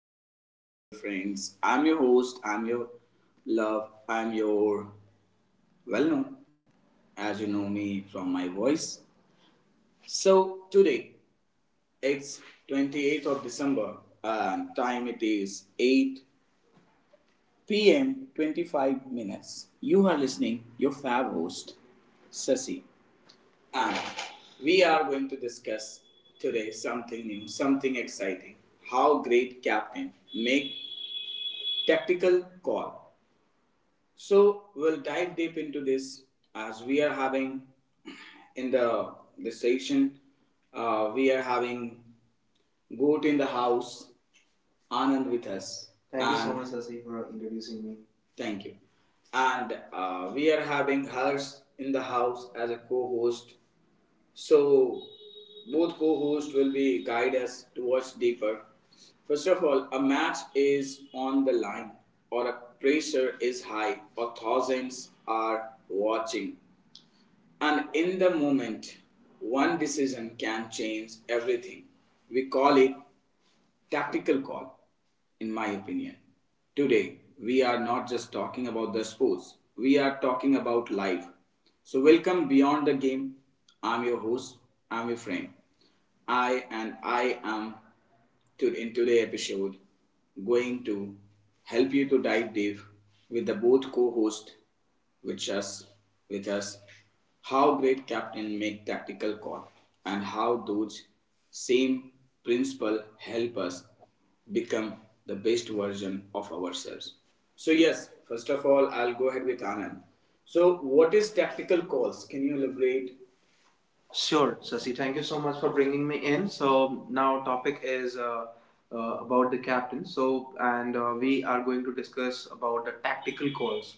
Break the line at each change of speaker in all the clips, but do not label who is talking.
folks, hi dear friends. I'm your host, I'm your love, I'm your well known as you know me from my voice. So today it's 28th of December and time it is 8 p.m. 25 minutes. You are listening your fab host Sasi and we are going to discuss today something new, something exciting. How great captain make tactical call. So we'll dive deep into this as we are having in the this session. We are having Goat in the house, Anand with us. Thank and you so much, Sasi, for introducing me. Thank you. And We are having Harsh in the house as a co-host. So, both co hosts will be guide us towards deeper. First of all, a match is on the line, or a pressure is high, or thousands are watching. And in the moment, one decision can change everything. We call it tactical call, in my opinion. Today, we are not just talking about the sports, we are talking about life. So, welcome beyond the game. I'm your host, I'm your friend. I and I am to, in today's episode going to help you to dive deep with the both co-host which us with us how great captain make tactical call and how those same principle help us become the best version of ourselves. So yes, first of all I'll go ahead with Anand. So what is tactical calls? Can you elaborate Sure, Sasi. Thank you so much for bringing me in. So now topic is about the captain. So and we are going to discuss about the tactical calls.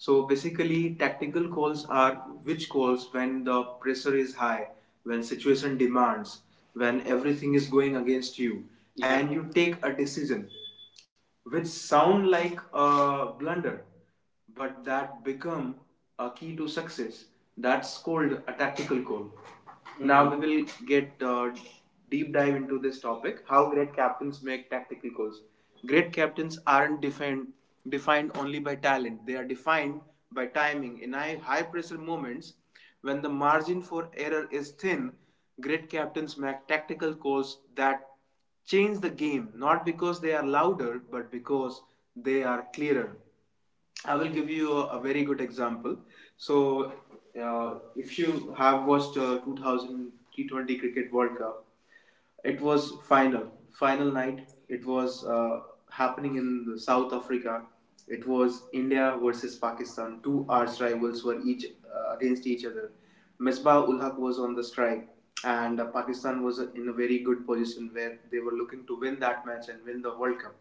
So basically, tactical calls are which calls when the pressure is high, when situation demands, when everything is going against you, yeah, and you take a decision which sound like a blunder, but that become a key to success. That's called a tactical goal. Now we will get deep dive into this topic: how great captains make tactical goals. Great captains aren't defined only by talent; they are defined by timing. In high pressure moments, when the margin for error is thin, great captains make tactical calls that change the game, not because they are louder, but because they are clearer. I will give you a very good example. So if you have watched 2000 T20 Cricket World Cup, it was final, final night. It was happening in South Africa. It was India versus Pakistan. Two arch rivals were each against each other. Misbah ul Haq was on the strike, and Pakistan was in a very good position where they were looking to win that match and win the World Cup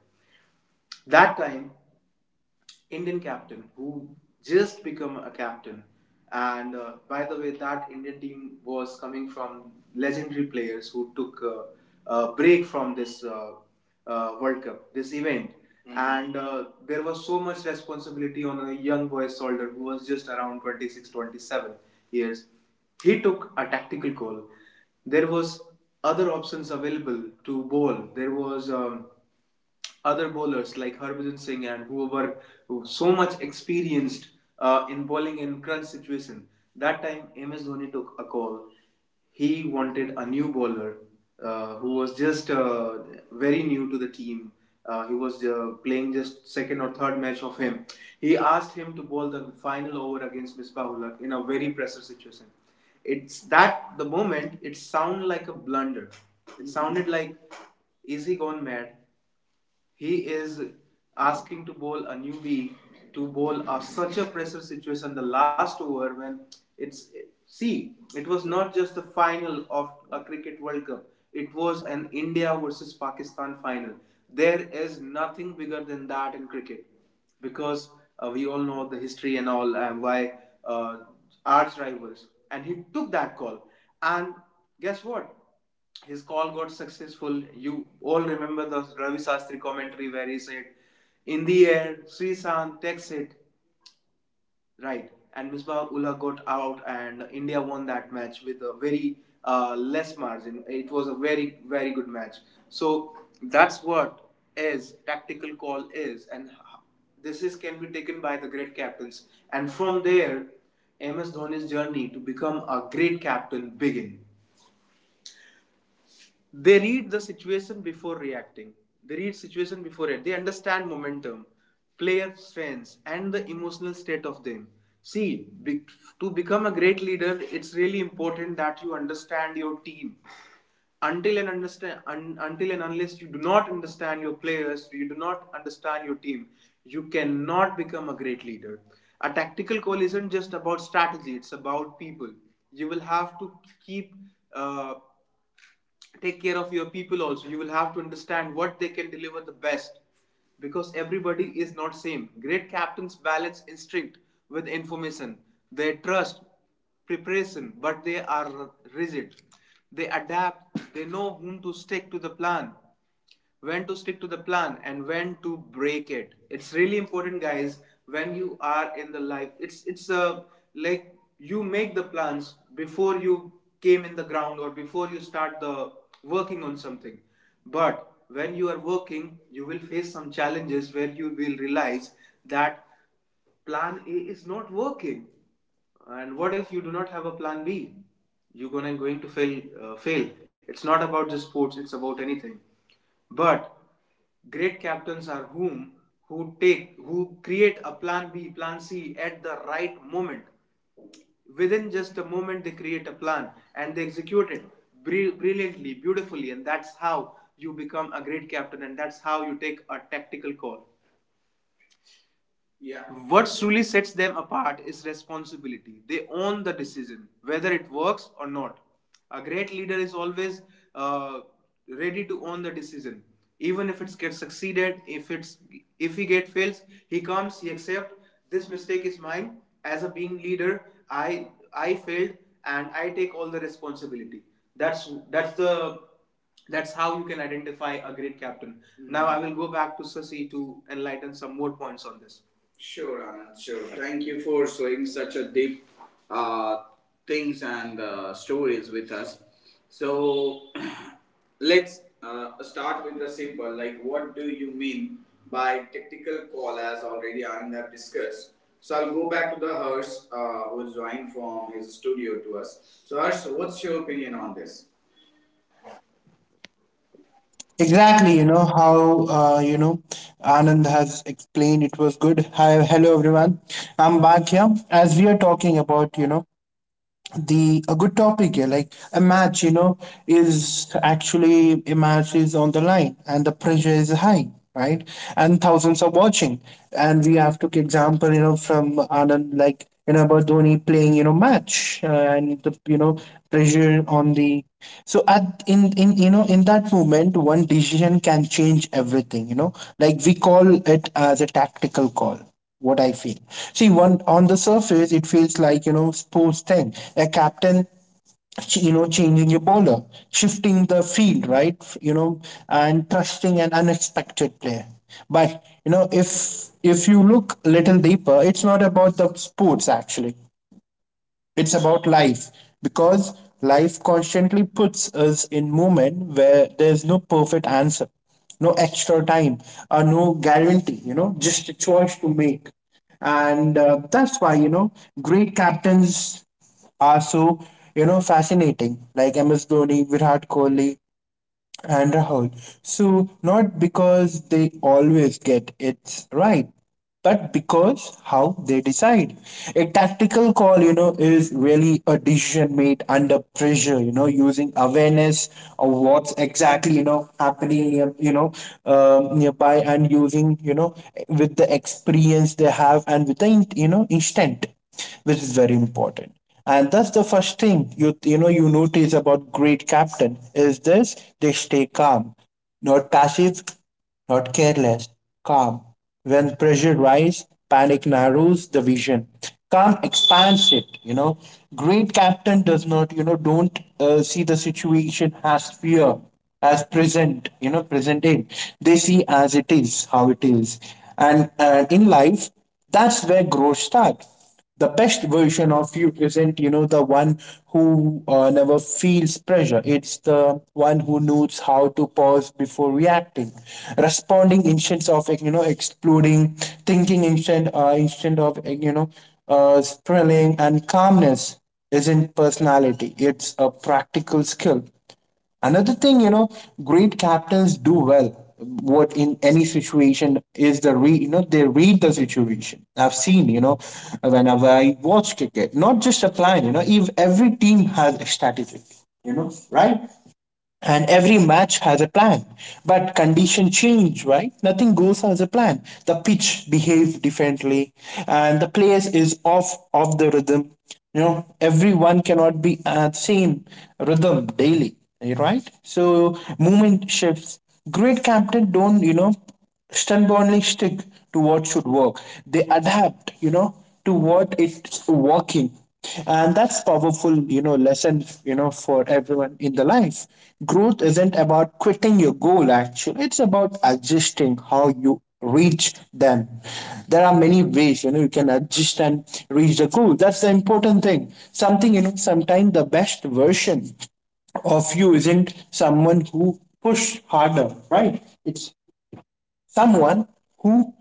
that time Indian captain who just become a captain. And By the way, that Indian team was coming from legendary players who took a break from this World Cup, this event. Mhm. And There was so much responsibility on a young boy's shoulder who was just around 26, 27 years. He took a tactical call. There was other options available to bowl. There was other bowlers like Harbhajan Singh and who were who so much experienced in bowling in crunch situation. That time MS Dhoni took a call. He wanted a new bowler who was just very new to the team. He was playing just second or third match of him. He asked him to bowl the final over against Misbah-ul-Haq in a very pressure situation. It's that the moment it sounded like a blunder. It sounded like is he gone mad? He is asking to bowl a newbie to bowl a, such a pressure situation the last over when it's see it was not just the final of a cricket world cup, it was an India versus Pakistan final. There is nothing bigger than that in cricket because we all know the history and all and why uh, arch rivals and he took that call and guess what, his call got successful. You all remember the Ravi Shastri commentary where he said, "In the air, Sri Sant takes it right," and Misbah Ullah got out, and India won that match with a very less margin. It was a very good match. So that's what is tactical call is, and this is can be taken by the great captains, and from there, MS Dhoni's journey to become a great captain begin. They read the situation before reacting they read situation before it they understand momentum, player strengths and the emotional state of them. see be- to become a great leader it's really important that you understand your team until and unless you do not understand your players you do not understand your team, you cannot become a great leader. A tactical call isn't just about strategy, it's about people. You will have to keep uh, take care of your people also. You will have to understand what they can deliver the best because everybody is not same. Great captains balance instinct with information. They trust preparation but they are rigid. They adapt, they know whom to stick to the plan, when to stick to the plan and when to break it. It's really important guys, when you are in the life it's a like you make the plans before you came in the ground or before you start the working on something. But when you are working you will face some challenges where you will realize that plan A is not working. And what if you do not have a plan B? You're gonna going to fail. Fail. It's not about just sports. It's about anything. But great captains are whom who take who create a plan B, plan C at the right moment. Within just a moment, they create a plan and they execute it brilliantly, beautifully, and that's how you become a great captain, and that's how you take a tactical call. Yeah. What truly sets them apart is responsibility. They own the decision, whether it works or not. A great leader is always uh, ready to own the decision, even if it gets succeeded. If he get fails, he comes, he accepts this mistake is mine. As a being leader, I I failed and I take all the responsibility. That's the that's how you can identify a great captain. Mm-hmm. Now I will go back to Sasi to enlighten some more points on this. Sure, Anand. Sure. Thank you for sharing such a deep uh, things and stories with us. So let's start with the simple. Like, what do you mean by tactical call? As already Anand have discussed. So I'll go back to the Harsh, who's joined from his studio to us. So Harsh, what's your opinion on this?
Exactly, you know how you know Anand has explained it was good. Hi, hello everyone. I'm back here as we are talking about the a good topic here like a match, you know, is actually a match is on the line and the pressure is high, right, and thousands are watching. And we have took example, you know, from Anand, like, you know, about Dhoni playing, you know, match and the, you know, pressure on the. So at in, you know, in that moment one decision can change everything, you know, like we call it as a tactical call, what I feel. See, one on the surface, it feels like, you know, sports thing. A captain, you know, changing your bowler, shifting the field, right? You know, and trusting an unexpected player. But you know, if you look a little deeper, it's not about the sports actually. It's about life, because life constantly puts us in movement where there's no perfect answer, no extra time, or no guarantee, you know, just a choice to make. And that's why, you know, great captains are so, you know, fascinating, like MS Dhoni, Virat Kohli, and Rahul. So, not because they always get it right, but because how they decide. A tactical call, you know, is really a decision made under pressure, you know, using awareness of what's exactly, you know, happening, you know, nearby, and using, you know, with the experience they have and with the, you know, instinct, which is very important. And that's the first thing you know you notice about great captain is this: they stay calm. Not passive, not careless, calm. When pressure rise, panic narrows the vision. Calm expands it, you know. Great captain does not, you know, don't see the situation as fear, as present, you know, present in. They see as it is how it is. And in life, that's where growth starts. The best version of you isn't, you know, the one who, never feels pressure. It's the one who knows how to pause before reacting, responding instead of, like, you know, exploding, thinking instead of, like, you know, spiraling. And calmness isn't personality, it's a practical skill. Another thing, you know, great captains do well. What in any situation is the re you know, they read the situation. I've seen, you know, whenever I watch cricket, not just a plan. You know, if every team has a strategy, you know, right? And every match has a plan, but condition change, right, nothing goes as a plan. The pitch behave differently, and the players is off the rhythm, you know. Everyone cannot be at same rhythm daily, right? So movement shifts. Great captain don't, you know, stubbornly stick to what should work. They adapt, you know, to what it's working. And that's powerful, you know, lesson, you know, for everyone in the life. Growth isn't about quitting your goal actually. It's about adjusting how you reach them. There are many ways, you know, you can adjust and reach the goal. That's the important thing. Something, you know, sometimes the best version of you isn't someone who push harder, right? It's someone who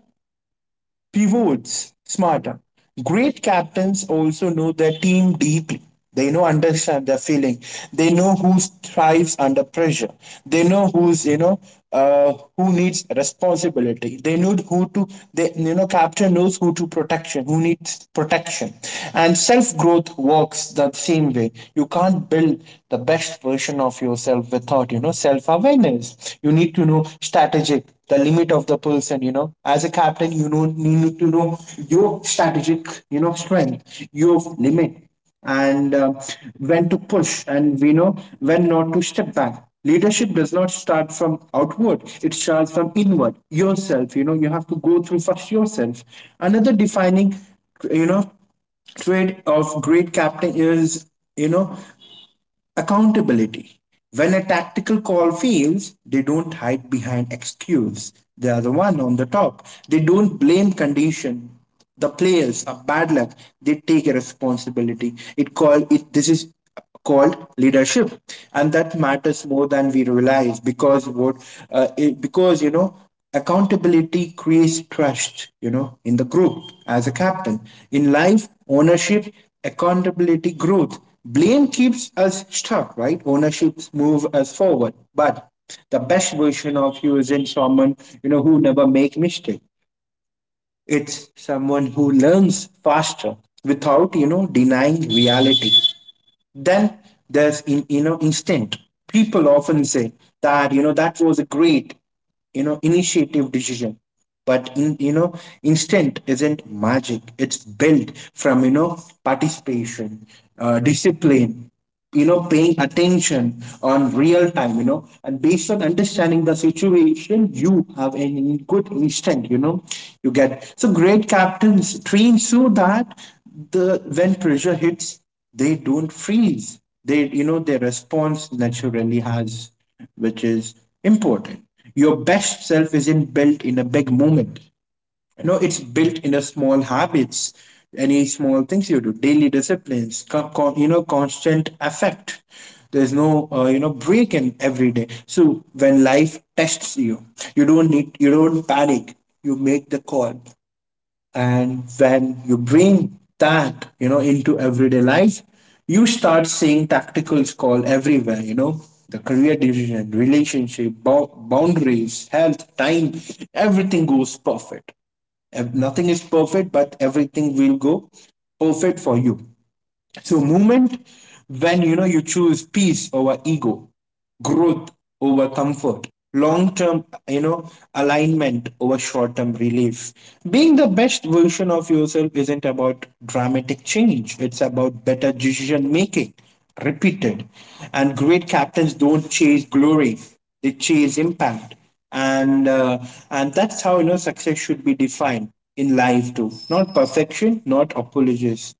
pivots smarter. Great captains also know their team deeply. They know understand their feeling. They know who thrives under pressure. They know who's, you know, who needs responsibility. They know who to, they, you know, captain knows who to protection, who needs protection. And self growth works the same way. You can't build the best version of yourself without, you know, self awareness. You need to know strategic, the limit of the person, you know. As a captain, you know, you need to know your strategic, you know, strength, your limit, and when to push, and we know when not to step back. Leadership does not start from outward, it starts from inward, yourself. You know, you have to go through first yourself. Another defining, you know, trait of great captain is, you know, accountability. When a tactical call fails, they don't hide behind excuse. They are the one on the top. They don't blame condition, the players, or bad luck. They take a responsibility. It called it. This is called leadership, and that matters more than we realize. Because what because, you know, accountability creates trust, you know, in the group as a captain. In life, ownership, accountability, growth. Blame keeps us stuck, right? Ownership move us forward. But the best version of you isn't someone, you know, who never make mistake. It's someone who learns faster without, you know, denying reality. Then there's in you know, instinct. People often say that, you know, that was a great, you know, initiative decision. But in, you know, instinct isn't magic, it's built from, you know, participation, discipline, you know, paying attention on real time, you know, and based on understanding the situation you have a good instinct, you know. You get so great captains train so that the when pressure hits they don't freeze, they, you know, their response naturally has, which is important. Your best self isn't built in a big moment, you know, it's built in a small habits. Any small things you do daily disciplines you know, constant effect. There's no you know, break in every day. So when life tests you, you don't need you don't panic, you make the call. And when you bring that, you know, into everyday life, you start seeing tacticals call everywhere, you know, the career decision, relationship, boundaries, health, time, everything goes perfect. Nothing is perfect, but everything will go perfect for you. So movement, when, you know, you choose peace over ego, growth over comfort, long-term, you know, alignment over short-term relief. Being the best version of yourself isn't about dramatic change. It's about better decision making, repeated. And great captains don't chase glory; they chase impact. And uh, and that's how, you know, success should be defined in life too. Not perfection, not apologies,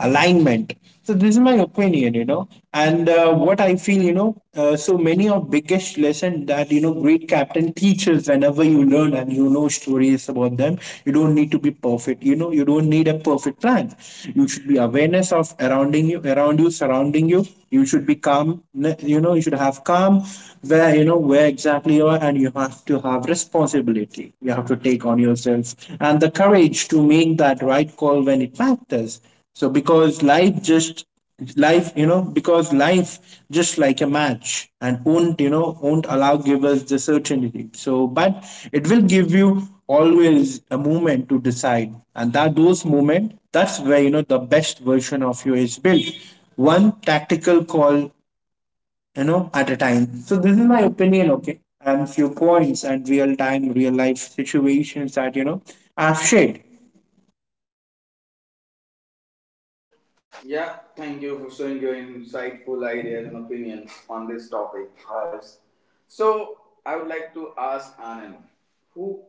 alignment. So this is my opinion, you know, and what I feel, you know, so many of biggest lesson that, you know, great captain teaches whenever you learn and, you know, stories about them. You don't need to be perfect, you know, you don't need a perfect plan. You should be awareness of surrounding you around you surrounding you, you should be calm, you know, you should have calm where, you know, where exactly you are. And you have to have responsibility, you have to take on yourself, and the courage to make that right call when it matters. So because life just, life, you know, because life just like a match and won't, you know, won't allow give us the certainty. So but it will give you always a moment to decide. And that those moment, that's where, you know, the best version of you is built. One tactical call, you know, at a time. So this is my opinion, okay? And few points and real time, real life situations that, you know, I've shared.
Yeah, thank you for sharing your insightful ideas and opinions on this topic, Hers. So, I would like to ask Anand, who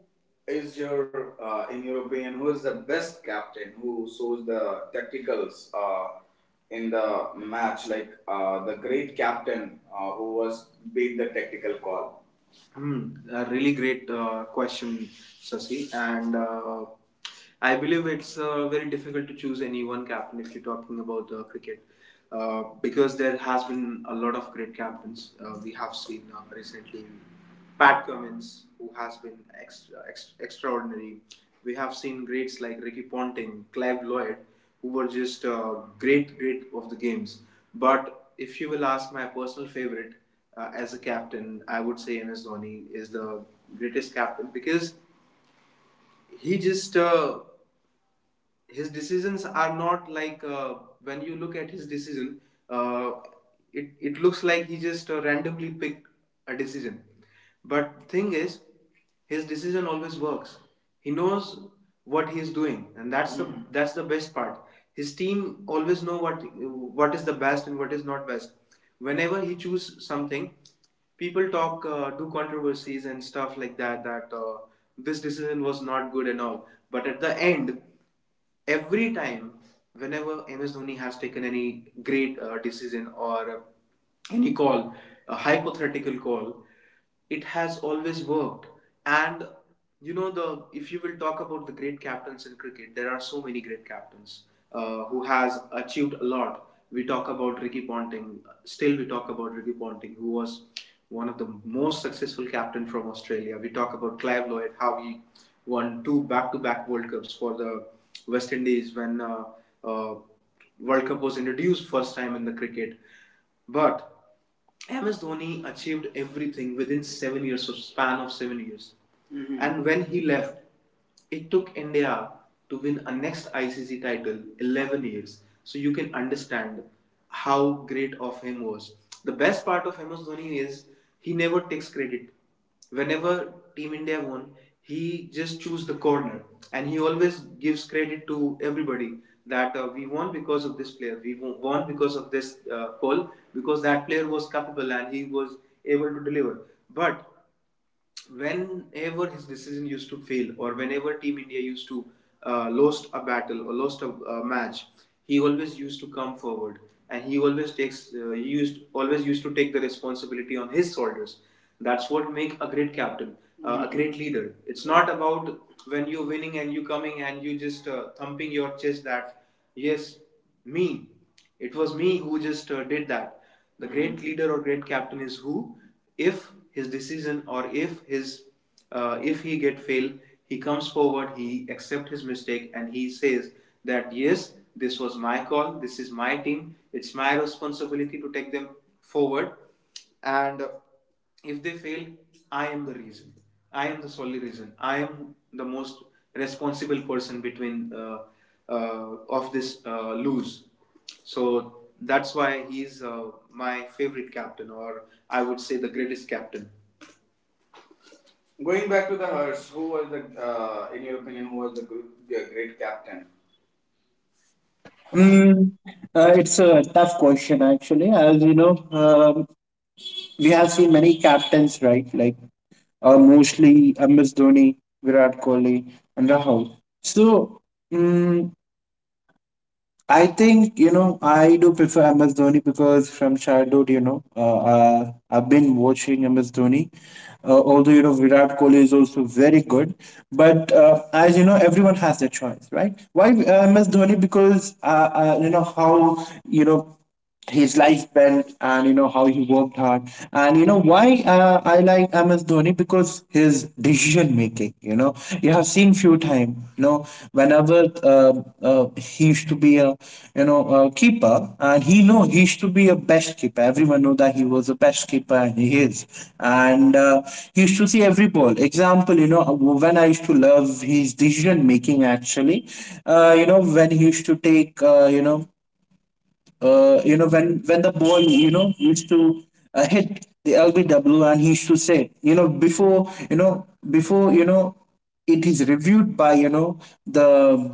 is your, in your opinion, who is the best captain who shows the tacticals in the match, like the great captain who was beat the tactical call? Hmm, a really great question, Sasi. And I believe it's very difficult to choose any one captain if you're talking about cricket, because there has been a lot of great captains. We have seen recently Pat Cummins, who has been extraordinary. We have seen greats like Ricky Ponting, Clive Lloyd, who were just great, great of the games. But if you will ask my personal favorite, as a captain, I would say MS Dhoni is the greatest captain because he just his decisions are not like when you look at his decision uh, it looks like he just randomly picked a decision but thing is his decision always works. He knows what he is doing and that's the best part. His team always know what is the best and what is not best. Whenever he choose something people talk, do controversies and stuff like that that this decision was not good and all, but at the end every time whenever MS Dhoni has taken any great decision or any call, a hypothetical call, it has always worked. And you know the if you will talk about the great captains in cricket there are so many great captains who has achieved a lot. We talk about Ricky Ponting, still we talk about Ricky Ponting who was one of the most successful captain from Australia. We talk about Clive Lloyd, how he won two back-to-back world cups for the West Indies when uh, World Cup was introduced first time in the cricket. But MS Dhoni achieved everything within 7 years, so span of 7 years. Mhm. And when he left, it took India to win a next ICC title 11 years. So you can understand how great of him was. The best part of MS Dhoni is he never takes credit. Whenever Team India won, he just choose the corner, and he always gives credit to everybody that we won because of this player, we won because of this call, because that player was capable and he was able to deliver. But whenever his decision used to fail or whenever Team India used to lost a battle or lost a match, he always used to come forward and he used always used to take the responsibility on his shoulders. That's what make a great captain, mm-hmm, a great leader. It's not about when you're winning and you coming and you just thumping your chest that yes, me, it was me who just did that. The great leader or great captain is who, if his decision or if his if he get fail, he comes forward, he accept his mistake, and he says that yes, this was my call, this is my team, it's my responsibility to take them forward, and if they fail, I am the reason, I am the solely reason, I am the most responsible person between of this lose. So that's why he's my favorite captain, or I would say the greatest captain. Going back to the Hearts, who was the, in your opinion, who was the good, the great captain?
Mm, it's a tough question, actually. As you know, we have seen many captains, right? Like mostly MS Dhoni, Virat Kohli, and Rahul. So, mm, I think, you know, I do prefer MS Dhoni because from childhood, you know, I've been watching MS Dhoni. Although, you know, Virat Kohli is also very good. But as you know, everyone has their choice, right? Why MS Dhoni? Because, you know, how, you know, his life belt, and you know how he worked hard. And you know why I like MS Dhoni, because his decision making, you know, you have seen few time, you know, whenever he used to be a, you know, a keeper, and he know he used to be a best keeper, everyone know that he was a best keeper, and he is. And he used to see every ball example, you know, when I used to love his decision making actually. You know, when he used to take, you know, you know, when the ball, you know, used to hit the LBW, and he used to say, you know, before, you know, before, you know, it is reviewed by, you know, the,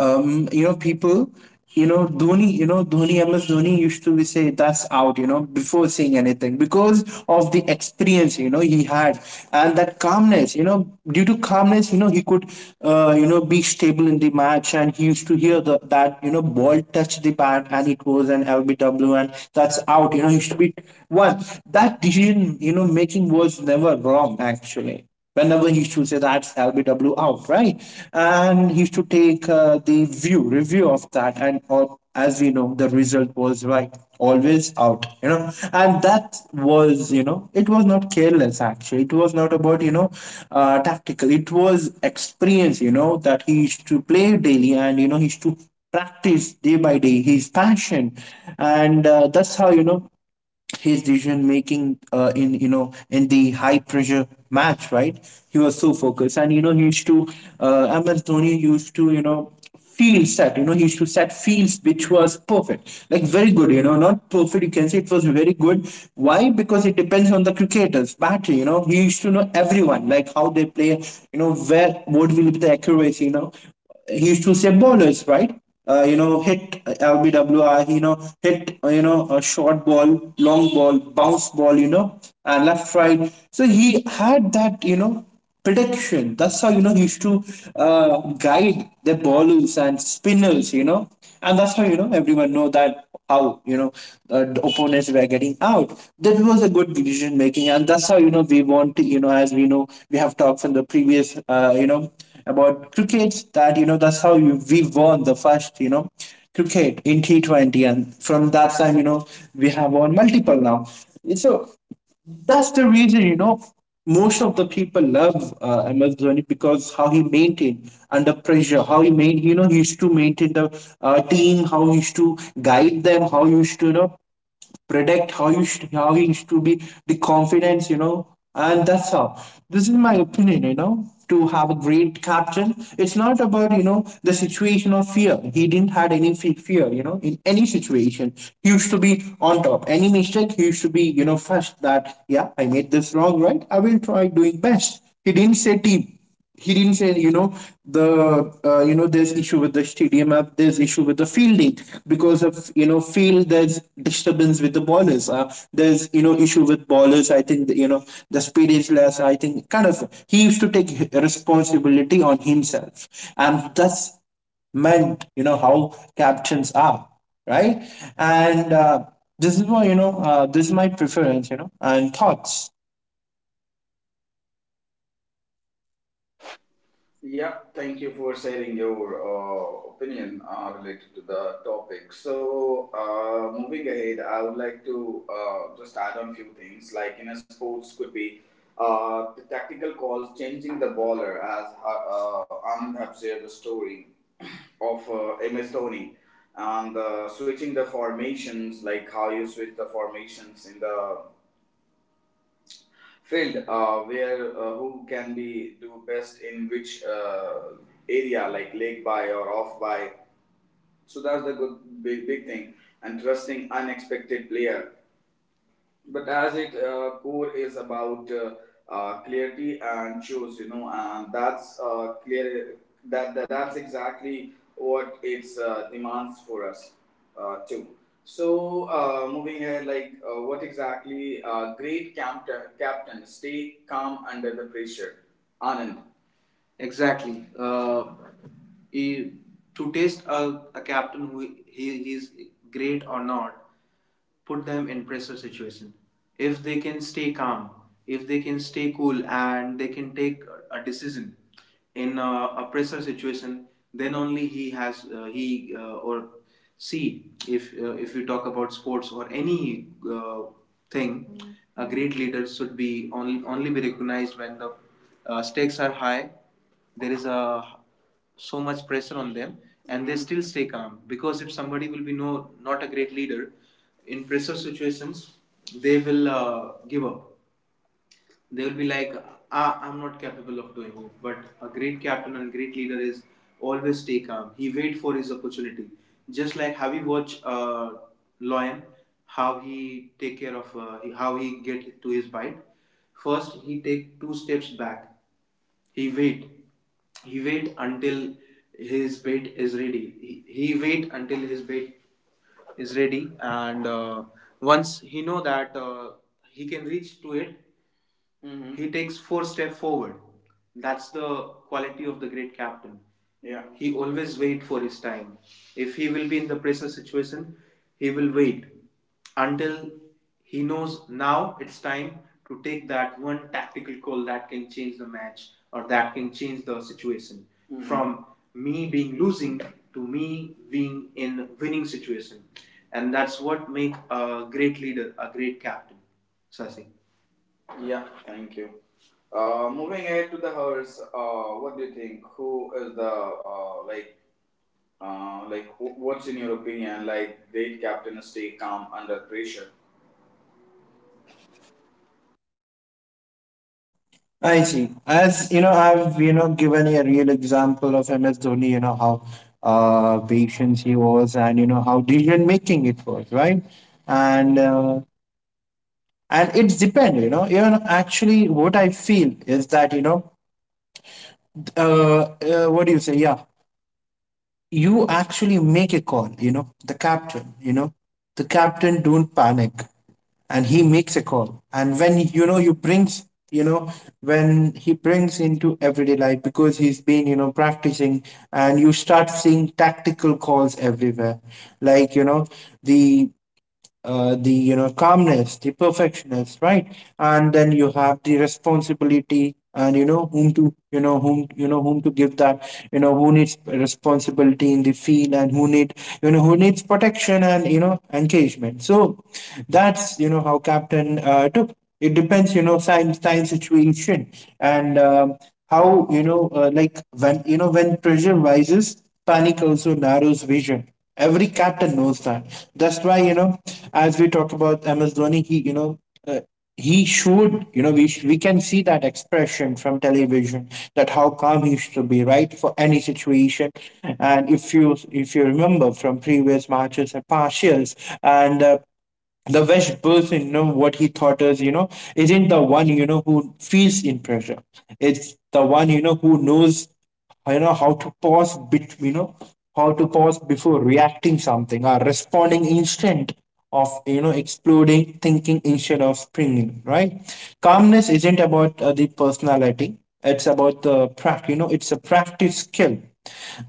you know, people, you know, Dhoni, MS Dhoni used to be say that's out, you know, before saying anything because of the experience, you know, he had. And that calmness, you know, due to calmness, you know, he could, you know, be stable in the match. And he used to hear the, that, you know, ball touch the bat, and it was an LBW and that's out, you know, he used to be one. That decision, making was never wrong actually whenever he should say that's LBW out, right? And he should take the review of that. And as we know, the result was right, always out. And that was, it was not careless actually. It was not about, tactical. It was experience, that he used to play daily and, he used to practice day by day his passion and that's how his decision making in in the high pressure match, right? He was so focused and he used to MS Dhoni used to field set. He used to set fields which was perfect, like very good, not perfect, you can say it was very good. Why? Because it depends on the cricketers battery, he used to know everyone, like how they play, where what will be the accuracy, he used to say bowlers, right? Hit LBWR, hit, a short ball, long ball, bounce ball, and left, right. So he had that, prediction. That's how, he used to guide the bowlers and spinners, and that's how, everyone know that how the opponents were getting out. That was a good decision making, and that's how we want to as we know, we have talked from the previous about cricket, that that's how we won the first cricket in T20, and from that time we have won multiple now. So that's the reason most of the people love MS Dhoni, because how he maintained under pressure, how he made he used to maintain the team, how he used to guide them, how he used to predict how you should, how you should be the confidence, and that's how this is my opinion, to have a great captain. It's not about the situation of fear. He didn't had any fear, in any situation. He used to be on top. Any mistake, he used to be first, that yeah, I made this wrong, right, I will try doing best. He didn't say team. He didn't say, the there's issue with the stadium app, there's issue with the fielding, because of field there's disturbance with the ballers. There's issue with ballers, I think. The speed is less, I think, kind of. He used to take responsibility on himself, and that's meant how captions are, right? And this is why this is my preference, and thoughts.
Yeah, thank you for sharing your opinion related to the topic. So, moving ahead, I would like to just add on few things. Like in a sports, could be the tactical calls, changing the baller, as Anand have shared the story of MS Dhoni, and switching the formations, like how you switch the formations in the field, where who can be do best in which area, like lake by or off by. So that's the good big, big thing. And trusting unexpected player, but as it core is about clarity and choose, you know, and that's clear that, that's exactly what its demands for us too. So moving ahead, like what exactly great captain stay calm under the pressure. Anand? Exactly. He, to test a captain who he is great or not, put them in pressure situation. If they can stay calm, if they can stay cool, and they can take a decision in a pressure situation, then only he has he or she. If we talk about sports or any thing, a great leader should be only only be recognized when the stakes are high, there is a so much pressure on them, and they still stay calm. Because if somebody will be not a great leader in pressure situations, they will give up. They will be like, ah, I'm not capable of doing it. But a great captain and great leader is always stay calm. He wait for his opportunity. Just like, have you watched Lion, how he take care of how he get to his bite? First, he take two steps back. He wait. He wait until his bait is ready. He wait until his bait is ready, and once he know that he can reach to it, mhm, he takes four steps forward. That's the quality of the great captain. Yeah. He always wait for his time. If he will be in the pressure situation, he will wait until he knows now it's time to take that one tactical call that can change the match or that can change the situation, mm-hmm, from me being losing to me being in winning situation. And that's what make a great leader, a great captain. Sasi? Yeah, thank you. Moving ahead to the hers, what do you think? Who is the like what's in your opinion? Like, did captain stay calm under pressure.
I see. As you know, I've given a real example of MS Dhoni. You know how patient he was, and you know how decision making it was, right? And uh, and it's depend. You know, even actually, what I feel is that, what do you say? Yeah, you actually make a call, the captain, the captain don't panic, and he makes a call. And when you brings, you know when he brings into everyday life, because he's been practicing, and you start seeing tactical calls everywhere, like the the calmness, the perfectionist, right? And then you have the responsibility, and whom to, you know whom to give that, who needs responsibility in the field, and who need, who needs protection and engagement. So that's how captain took. It depends, time situation. And how like when when pressure rises, panic also narrows vision. Every captain knows that. That's why, as we talk about MS Dhoni, Uh, he showed, you know, we can see that expression from television, that how calm he should be, right, for any situation. And if you, if you remember from previous matches and partials, and the best person, what he thought is, you know, isn't the one who feels in pressure. It's the one who knows, how to pause bit, how to pause before reacting something or responding instant of, exploding, thinking instead of springing, right? Calmness isn't about the personality, it's about the practice, it's a practice skill.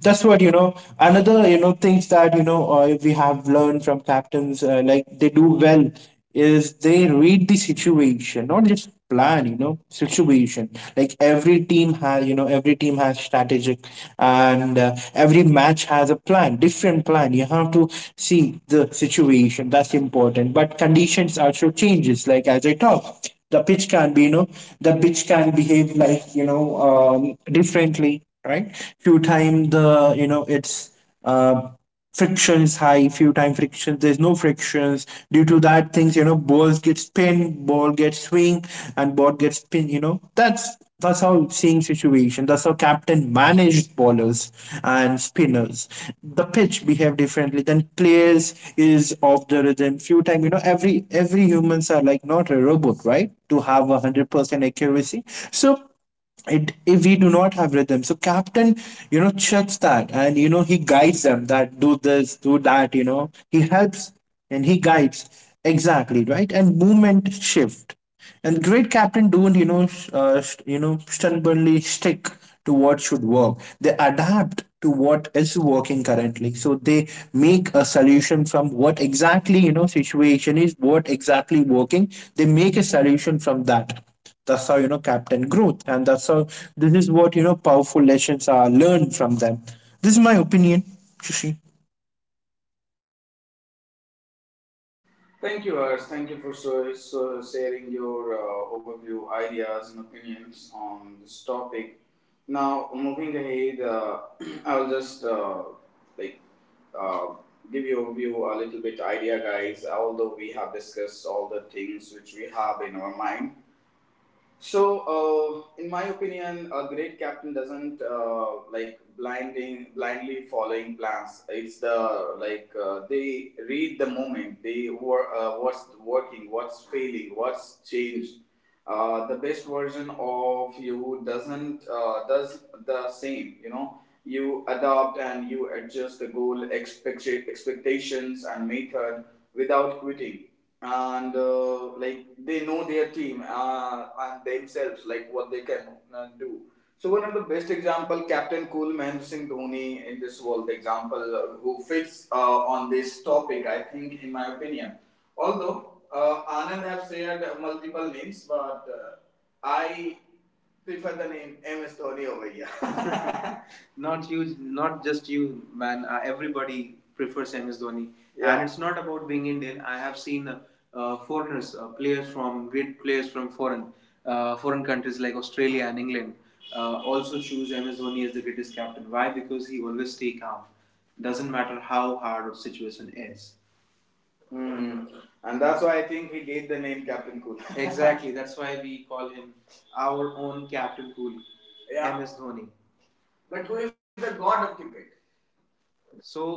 That's what, another, things that, we have learned from captains, like they do well, is they read the situation, not just plan, situation. Like every team has, every team has strategic, and every match has a plan, different plan. You have to see the situation, that's important. But conditions also changes, like as I talk, the pitch can be, you know the pitch can behave like, differently, right? Few time, the it's uh, friction is high, few time friction there's no frictions. Due to that things, balls get spin, ball gets swing, and ball gets spin, that's how same situation. That's how captain managed bowlers and spinners. The pitch behave differently. Then players is of the rhythm. Few time, every humans are like not a robot, right? To have 100% accuracy. So it, if we do not have rhythm, so captain checks that, and he guides them, that do this do that, he helps and he guides, exactly, right? And movement shift. And great captain don't stubbornly stick to what should work. They adapt to what is working currently. So they make a solution from what exactly, situation is, what exactly working, they make a solution from that. That's how, Captain Groot, and that's how this is what, powerful lessons are learned from them. This is my opinion, Shushi.
Thank you, Ars. Thank you for so, so sharing your overview, ideas, and opinions on this topic. Now, moving ahead, I'll just like uh, give you a view a little bit idea, guys. Although we have discussed all the things which we have in our mind, so, in my opinion, a great captain doesn't like blinding blindly following plans. It's the like they read the moment. They were what's working, what's failing, what's changed. The best version of you doesn't does the same. You know, you adopt and you adjust the goal, expectations, and method without quitting. And like they know their team and themselves, like what they can do. So one of the best example, captain cool Mahendra Singh Dhoni in this world, the example who fits on this topic, I think, in my opinion. Although Anand have shared multiple names, but I prefer the name MS Dhoni over here. Not you, not just you man, everybody prefers MS Dhoni. Yeah. And it's not about being Indian. I have seen foreigners players, from great players from foreign foreign countries like Australia and England, also choose MS Dhoni as the greatest captain. Why? Because he always stay calm, doesn't matter how hard the situation is. Mm. And that's why I think he gave the name Captain Cool. Exactly, that's why we call him our own captain cool. Yeah. MS Dhoni. But who is the god of cricket? So,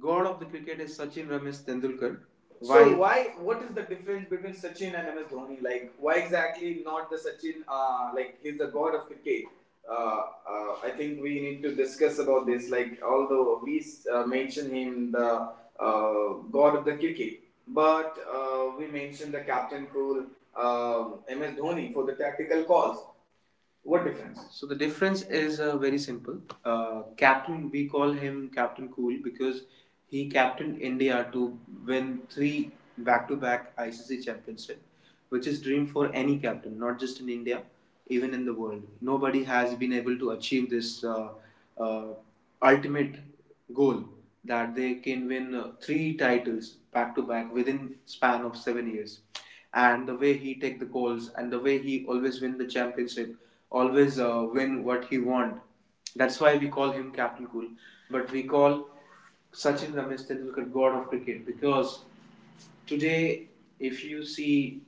god of the cricket is Sachin Ramesh Tendulkar. Why? So why? What is the difference between Sachin and MS Dhoni? Like, why exactly not the Sachin? Like, he's the god of cricket. Uh, I think we need to discuss about this. Like, although we mention him the uh, god of the cricket, but we mentioned the captain cool, MS Dhoni, for the tactical calls. What difference? So the difference is very simple. Captain, we call him Captain Cool because he captained India to win three back-to-back ICC championship, which is dream for any captain, not just in India, even in the world. Nobody has been able to achieve this uh, ultimate goal, that they can win three titles back-to-back within span of 7 years, and the way he take the goals and the way he always win the championship, always win what he want. That's why we call him Captain Cool. But we call Sachin Ramesh Tendulkar God of Cricket because today, if you see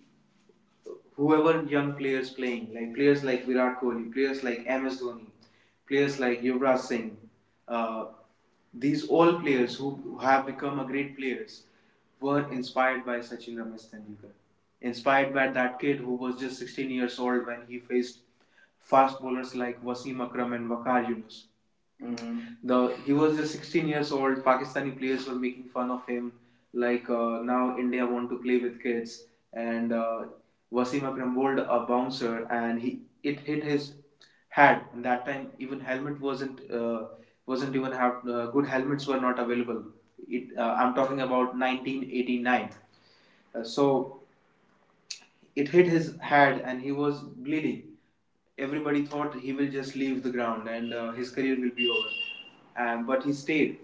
whoever young players playing, like players like Virat Kohli, players like MS Dhoni, players like Yuvraj Singh, uh, these all players who have become a great players were inspired by Sachin Ramesh Tendulkar, inspired by that kid who was just 16 years old when he faced fast bowlers like Wasim Akram and Waqar Yunus. Mm-hmm. The he was just 16 years old. Pakistani players were making fun of him, like, now India want to play with kids, and Wasim Akram bowled a bouncer, and he it hit his head. And that time even helmet wasn't even have good helmets were not available. It I'm talking about 1989. So it hit his head and he was bleeding. Everybody thought he will just leave the ground and his career will be over. And, but he stayed,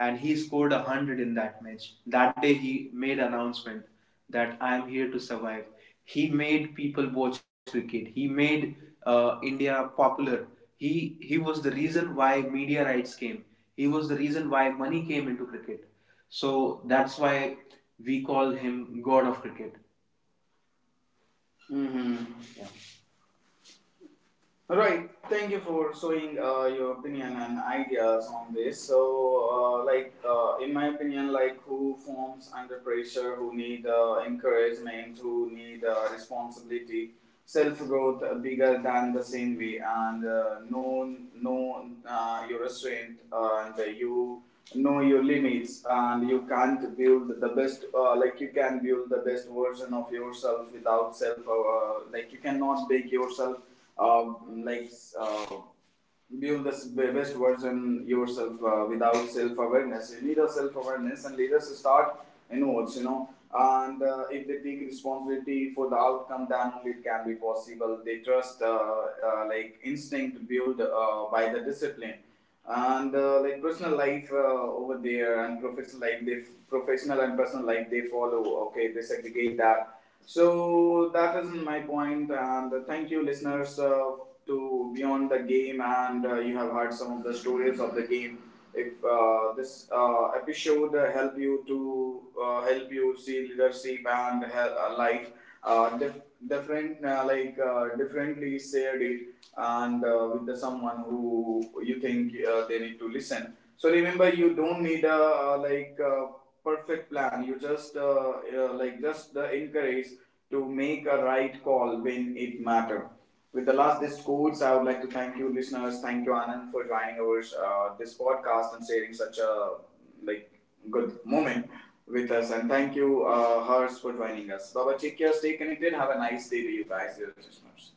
and he scored 100 in that match. That day he made announcement that I am here to survive. He made people watch cricket. He made India popular. He was the reason why media rights came. He was the reason why money came into cricket. So that's why we call him God of Cricket. Hmm. Yeah. Right. Thank you for showing your opinion and ideas on this. So, like in my opinion, like who forms under pressure, who need encouragement, who need responsibility, self growth bigger than the same way, and know your restraint, and you know your limits, and you can't build the best like you can build the best version of yourself without self like you cannot make yourself uh, like uh, build the best version yourself without self awareness. You need a self awareness, and leaders start inwards, you know. And if they take responsibility for the outcome, then only it can be possible. They trust, like instinct built by the discipline, and like personal life over there and professional life, they professional and personal life they follow. Okay, they segregate that. So that is my point, and thank you, listeners, to Beyond the Game, and you have heard some of the stories of the game. If this episode help you see leadership and life uh, dif- different, like differently, shared it, and with the someone who you think they need to listen. So remember, you don't need a like perfect plan. You just like just the encourage to make a right call when it matter. With the last these quotes, I would like to thank you, listeners. Thank you, Anand, for joining our this podcast and sharing such a like good moment with us. And thank you, Hers, for joining us. Baba, take care, stay connected. Have a nice day to you guys, dear listeners.